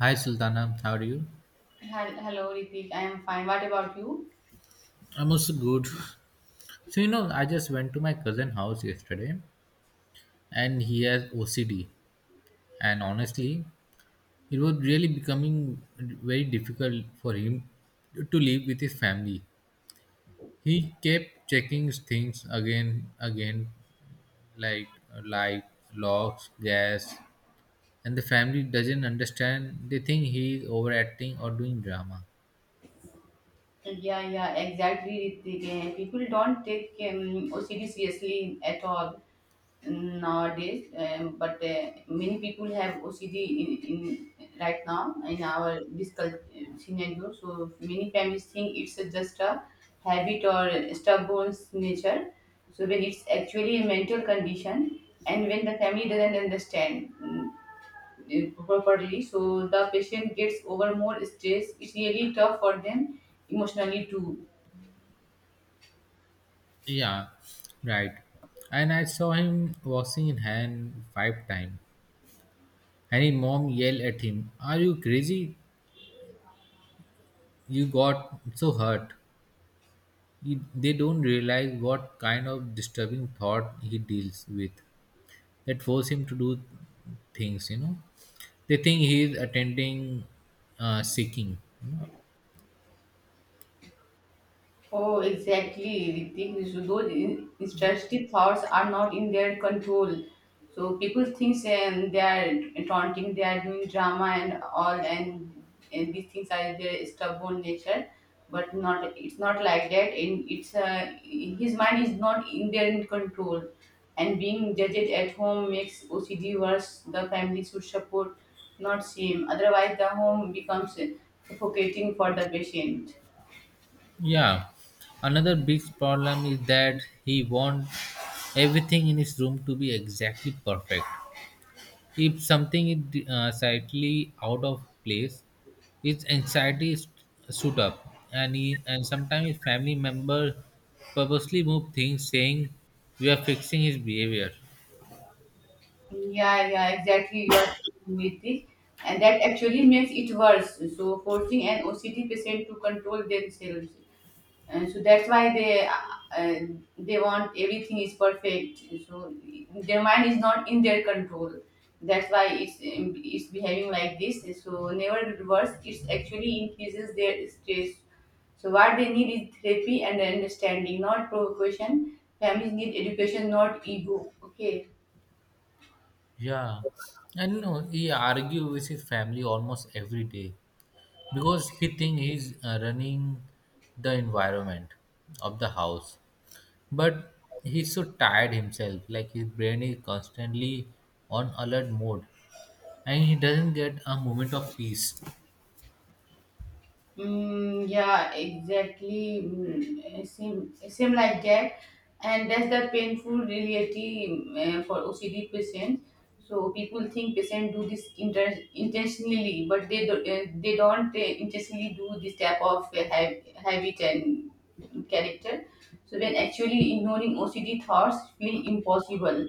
Hi Sultana, how are you? Hello, Ritik. I am fine. What about you? I'm also good. So I just went to my cousin house yesterday, and he has OCD, and honestly, it was really becoming very difficult for him to live with his family. He kept checking things again, like light, locks, gas, and the family doesn't understand. They think he is overacting or doing drama. Yeah, yeah, exactly, Ritik. People don't take OCD seriously at all nowadays, but many people have OCD in right now in our this scenario. So many families think it's a just a habit or stubborn nature. So when it's actually a mental condition, and when the family doesn't understand properly, so the patient gets over more stress. It's really tough for them emotionally too. Yeah, right. And I saw him washing in hand five times. And his mom yelled at him, "Are you crazy? You got so hurt." They don't realize what kind of disturbing thought he deals with that force him to do things. They think he is attending seeking. Oh, exactly. The thing is, those intrusive thoughts are not in their control. So people think and they are taunting, they are doing drama and all, and these things are their stubborn nature. But not, it's not like that. And it's his mind is not in their control, and being judged at home makes OCD worse. The family should support, not shame. Otherwise, the home becomes suffocating for the patient. Yeah. Another big problem is that he wants everything in his room to be exactly perfect. If something is slightly out of place, its anxiety is shoot up, and he, and sometimes his family member purposely move things, saying we are fixing his behavior. Yeah, yeah, exactly. You are true with this, and that actually makes it worse. So forcing an OCD patient to control themselves, and so that's why uh, they want everything is perfect. So their mind is not in their control. That's why it's behaving like this. So never reverse. It actually increases their stress. So what they need is therapy and understanding, not provocation. Families need education, not ego. Okay. Yeah, and he argue with his family almost every day because he think he's running the environment of the house, but he's so tired himself. Like his brain is constantly on alert mode, and he doesn't get a moment of peace. Mm, yeah, exactly. Mm, same, same like that, and that's the painful reality for OCD patients. So people think patients do this intentionally, but they don't intentionally do this type of habit and character. So when actually ignoring OCD thoughts feel impossible.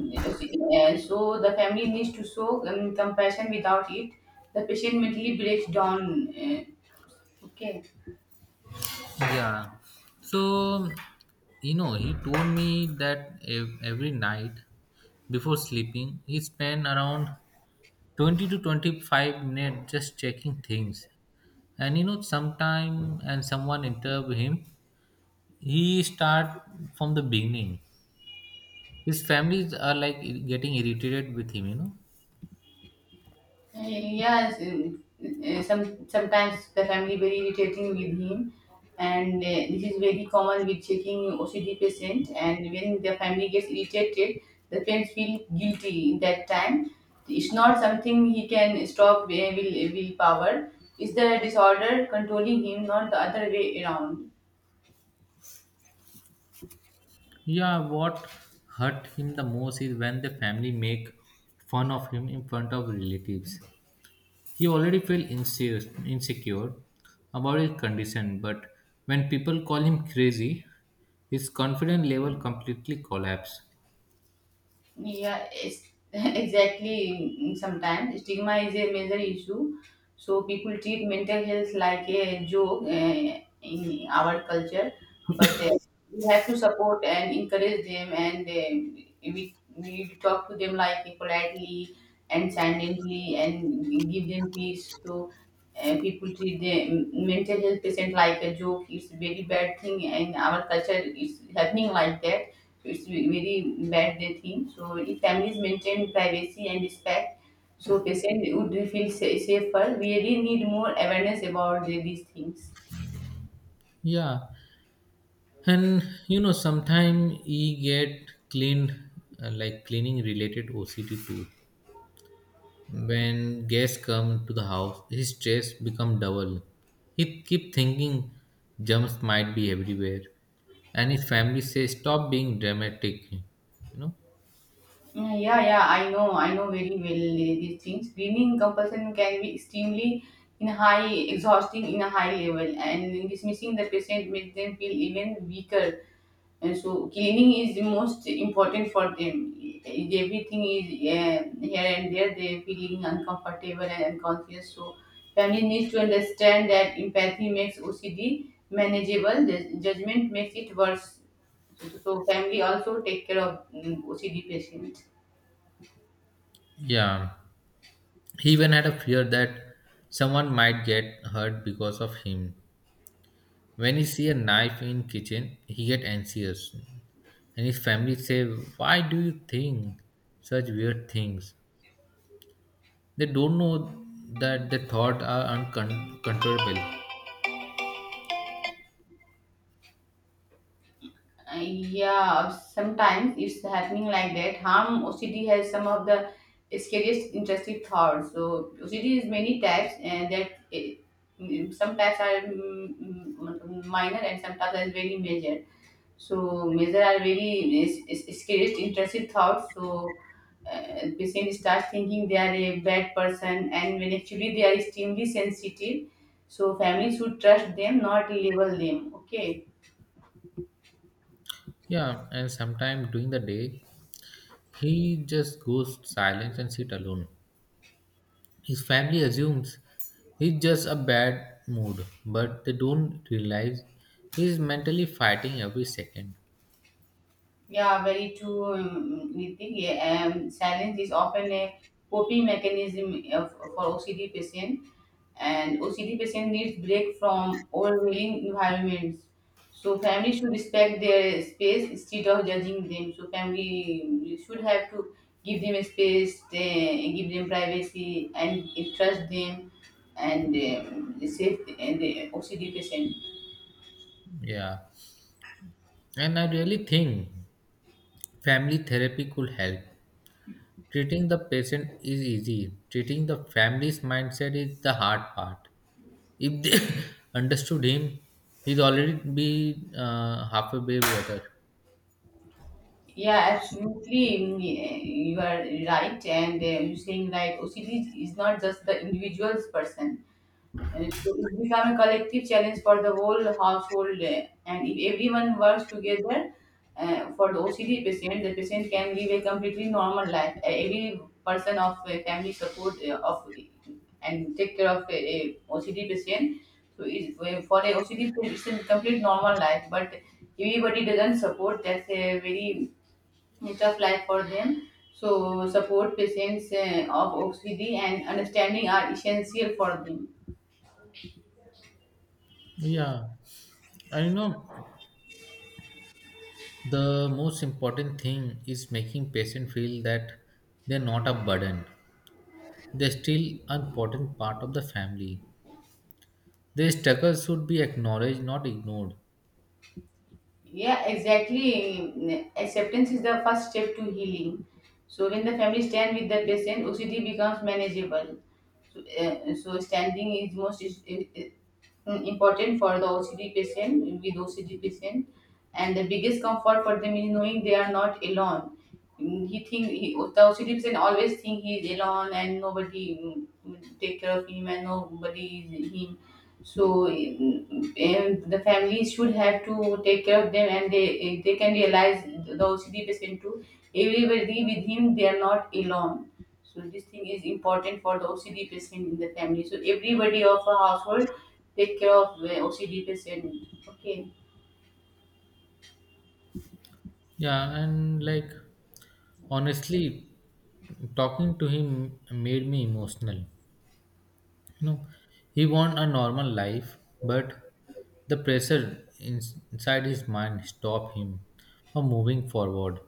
So the family needs to show compassion without it. The patient mentally breaks down. Okay. Yeah. So, he told me that every night before sleeping, he spent around 20 to 25 minutes just checking things. And sometime and someone interrupt him, he start from the beginning. His families are like getting irritated with him. Yes. Some sometimes the family very irritating with him, and this is very common with checking OCD patient. And when the family gets irritated, the parents feel guilty in that time. It's not something he can stop will willpower. It's the disorder controlling him, not the other way around. Yeah, what hurt him the most is when the family make fun of him in front of relatives. He already felt insecure about his condition, but when people call him crazy, his confidence level completely collapsed. Yeah, it's exactly. Sometimes stigma is a major issue. So people treat mental health like a joke in our culture, but we have to support and encourage them, and we talk to them like politely and silently, and give them peace. So people treat the mental health patient like a joke. It's a very bad thing, and our culture is happening like that. It's very bad they think. So if families maintain privacy and respect, so patient would feel safer. We really need more awareness about these things. Yeah, and sometimes he get cleaned, like cleaning related OCD too. When guests come to the house, his stress become double. He keep thinking germs might be everywhere, and his family say, "Stop being dramatic," know. Yeah, yeah, yeah, I know very well these things. Greening compulsion can be extremely in high, exhausting in a high level, and dismissing the patient makes them feel even weaker, and so cleaning is the most important for them. If everything is here and there, they're feeling uncomfortable and unconscious. So family needs to understand that empathy makes OCD manageable. Judgment makes it worse. So family also take care of OCD patients. Yeah, he even had a fear that someone might get hurt because of him. When he see a knife in kitchen, he get anxious. And his family say, "Why do you think such weird things?" They don't know that the thought are uncontrollable. Yeah, sometimes it's happening like that. Harm OCD has some of the scariest interesting thoughts. So OCD is many types, and that it, some types are minor and some types are very major. So major are very is scariest interesting thoughts. So patient starts thinking they are a bad person, and when actually they are extremely sensitive. So family should trust them, not label them. Okay. Yeah, and sometime during the day, he just goes silent and sit alone. His family assumes he's just a bad mood, but they don't realize he's mentally fighting every second. Yeah, very true. Niti. Yeah. Silence is often a coping mechanism for OCD patient, and OCD patient needs break from overwhelming environments. So family should respect their space instead of judging them. So family should have to give them a space, give them privacy, and trust them, and safe and the OCD patient. Yeah, and I really think family therapy could help. Treating the patient is easy, treating the family's mindset is the hard part. If they understood him, he'd already be half a baby better. Yeah, absolutely. You are right, and you're saying like OCD is not just the individual's person, and it's become a collective challenge for the whole household. And if everyone works together for the OCD patient, the patient can live a completely normal life. Every person of family support of and take care of a, OCD patient. So it's, for a OCD patient, it's a complete normal life, but everybody doesn't support. That's a very a tough life for them. So, support patients of OCD and understanding are essential for them. Yeah, I know the most important thing is making patient feel that they're not a burden. They're still an important part of the family. Their struggles should be acknowledged, not ignored. Yeah, exactly. Acceptance is the first step to healing. So, when the family stand with the patient, OCD becomes manageable. So standing is most important for the OCD patient, and the biggest comfort for them is knowing they are not alone. The OCD patient always think he is alone and nobody will take care of him and nobody is him. So mm, and the family should have to take care of them, and they can realize the OCD patient too. Everybody with him, they are not alone, so this thing is important for the OCD patient in the family. So everybody of a household take care of the OCD patient. Okay. Yeah, and like honestly, talking to him made me emotional. You know, he want a normal life, but the pressure inside his mind stop him from moving forward.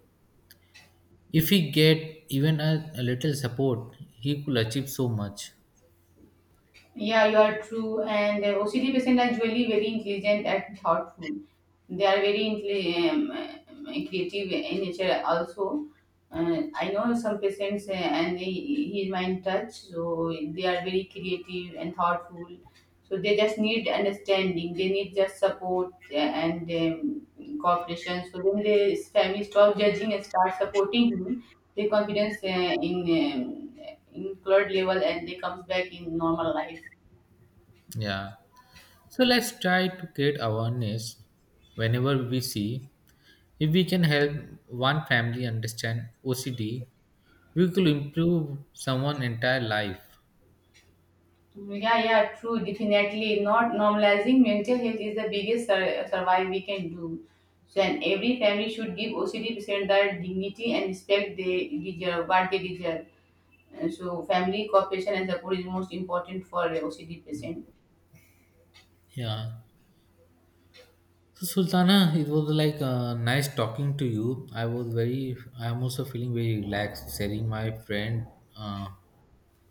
If he get even a little support, he could achieve so much. Yeah, you are true. And OCD patients are usually very intelligent and thoughtful. They are very creative in nature also. I know some patients he is mind touch, so they are very creative and thoughtful. So they just need understanding. They need just support and cooperation. So when the family stop judging and start supporting him, their confidence in um, in cloud level, and they comes back in normal life. Yeah. So let's try to create awareness whenever we see if we can help one family understand OCD, we could improve someone entire life. Yeah, yeah, true. Definitely, not normalizing mental health is the biggest survive we can do. So, and every family should give OCD patient the dignity and respect they deserve, what they deserve. And so, family cooperation and support is most important for a OCD patient. Yeah, so Sultana, it was like nice talking to you. I'm also feeling very relaxed, sharing my friend uh,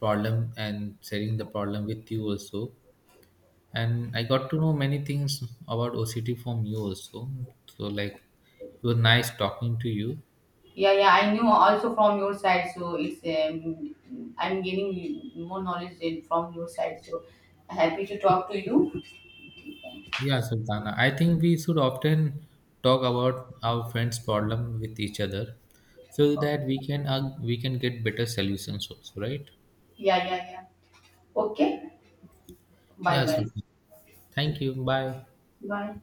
problem, and sharing the problem with you also, and I got to know many things about OCT from you also. So like, it was nice talking to you. Yeah, yeah, I knew also from your side. So it's I'm gaining more knowledge from your side. So happy to talk to you. Yeah, Sultana. I think we should often talk about our friends' problem with each other, so Okay. that we can get better solutions also, right? Yeah, yeah, yeah. Okay. Yeah, Bye bye. Sultana. Thank you. Bye. Bye.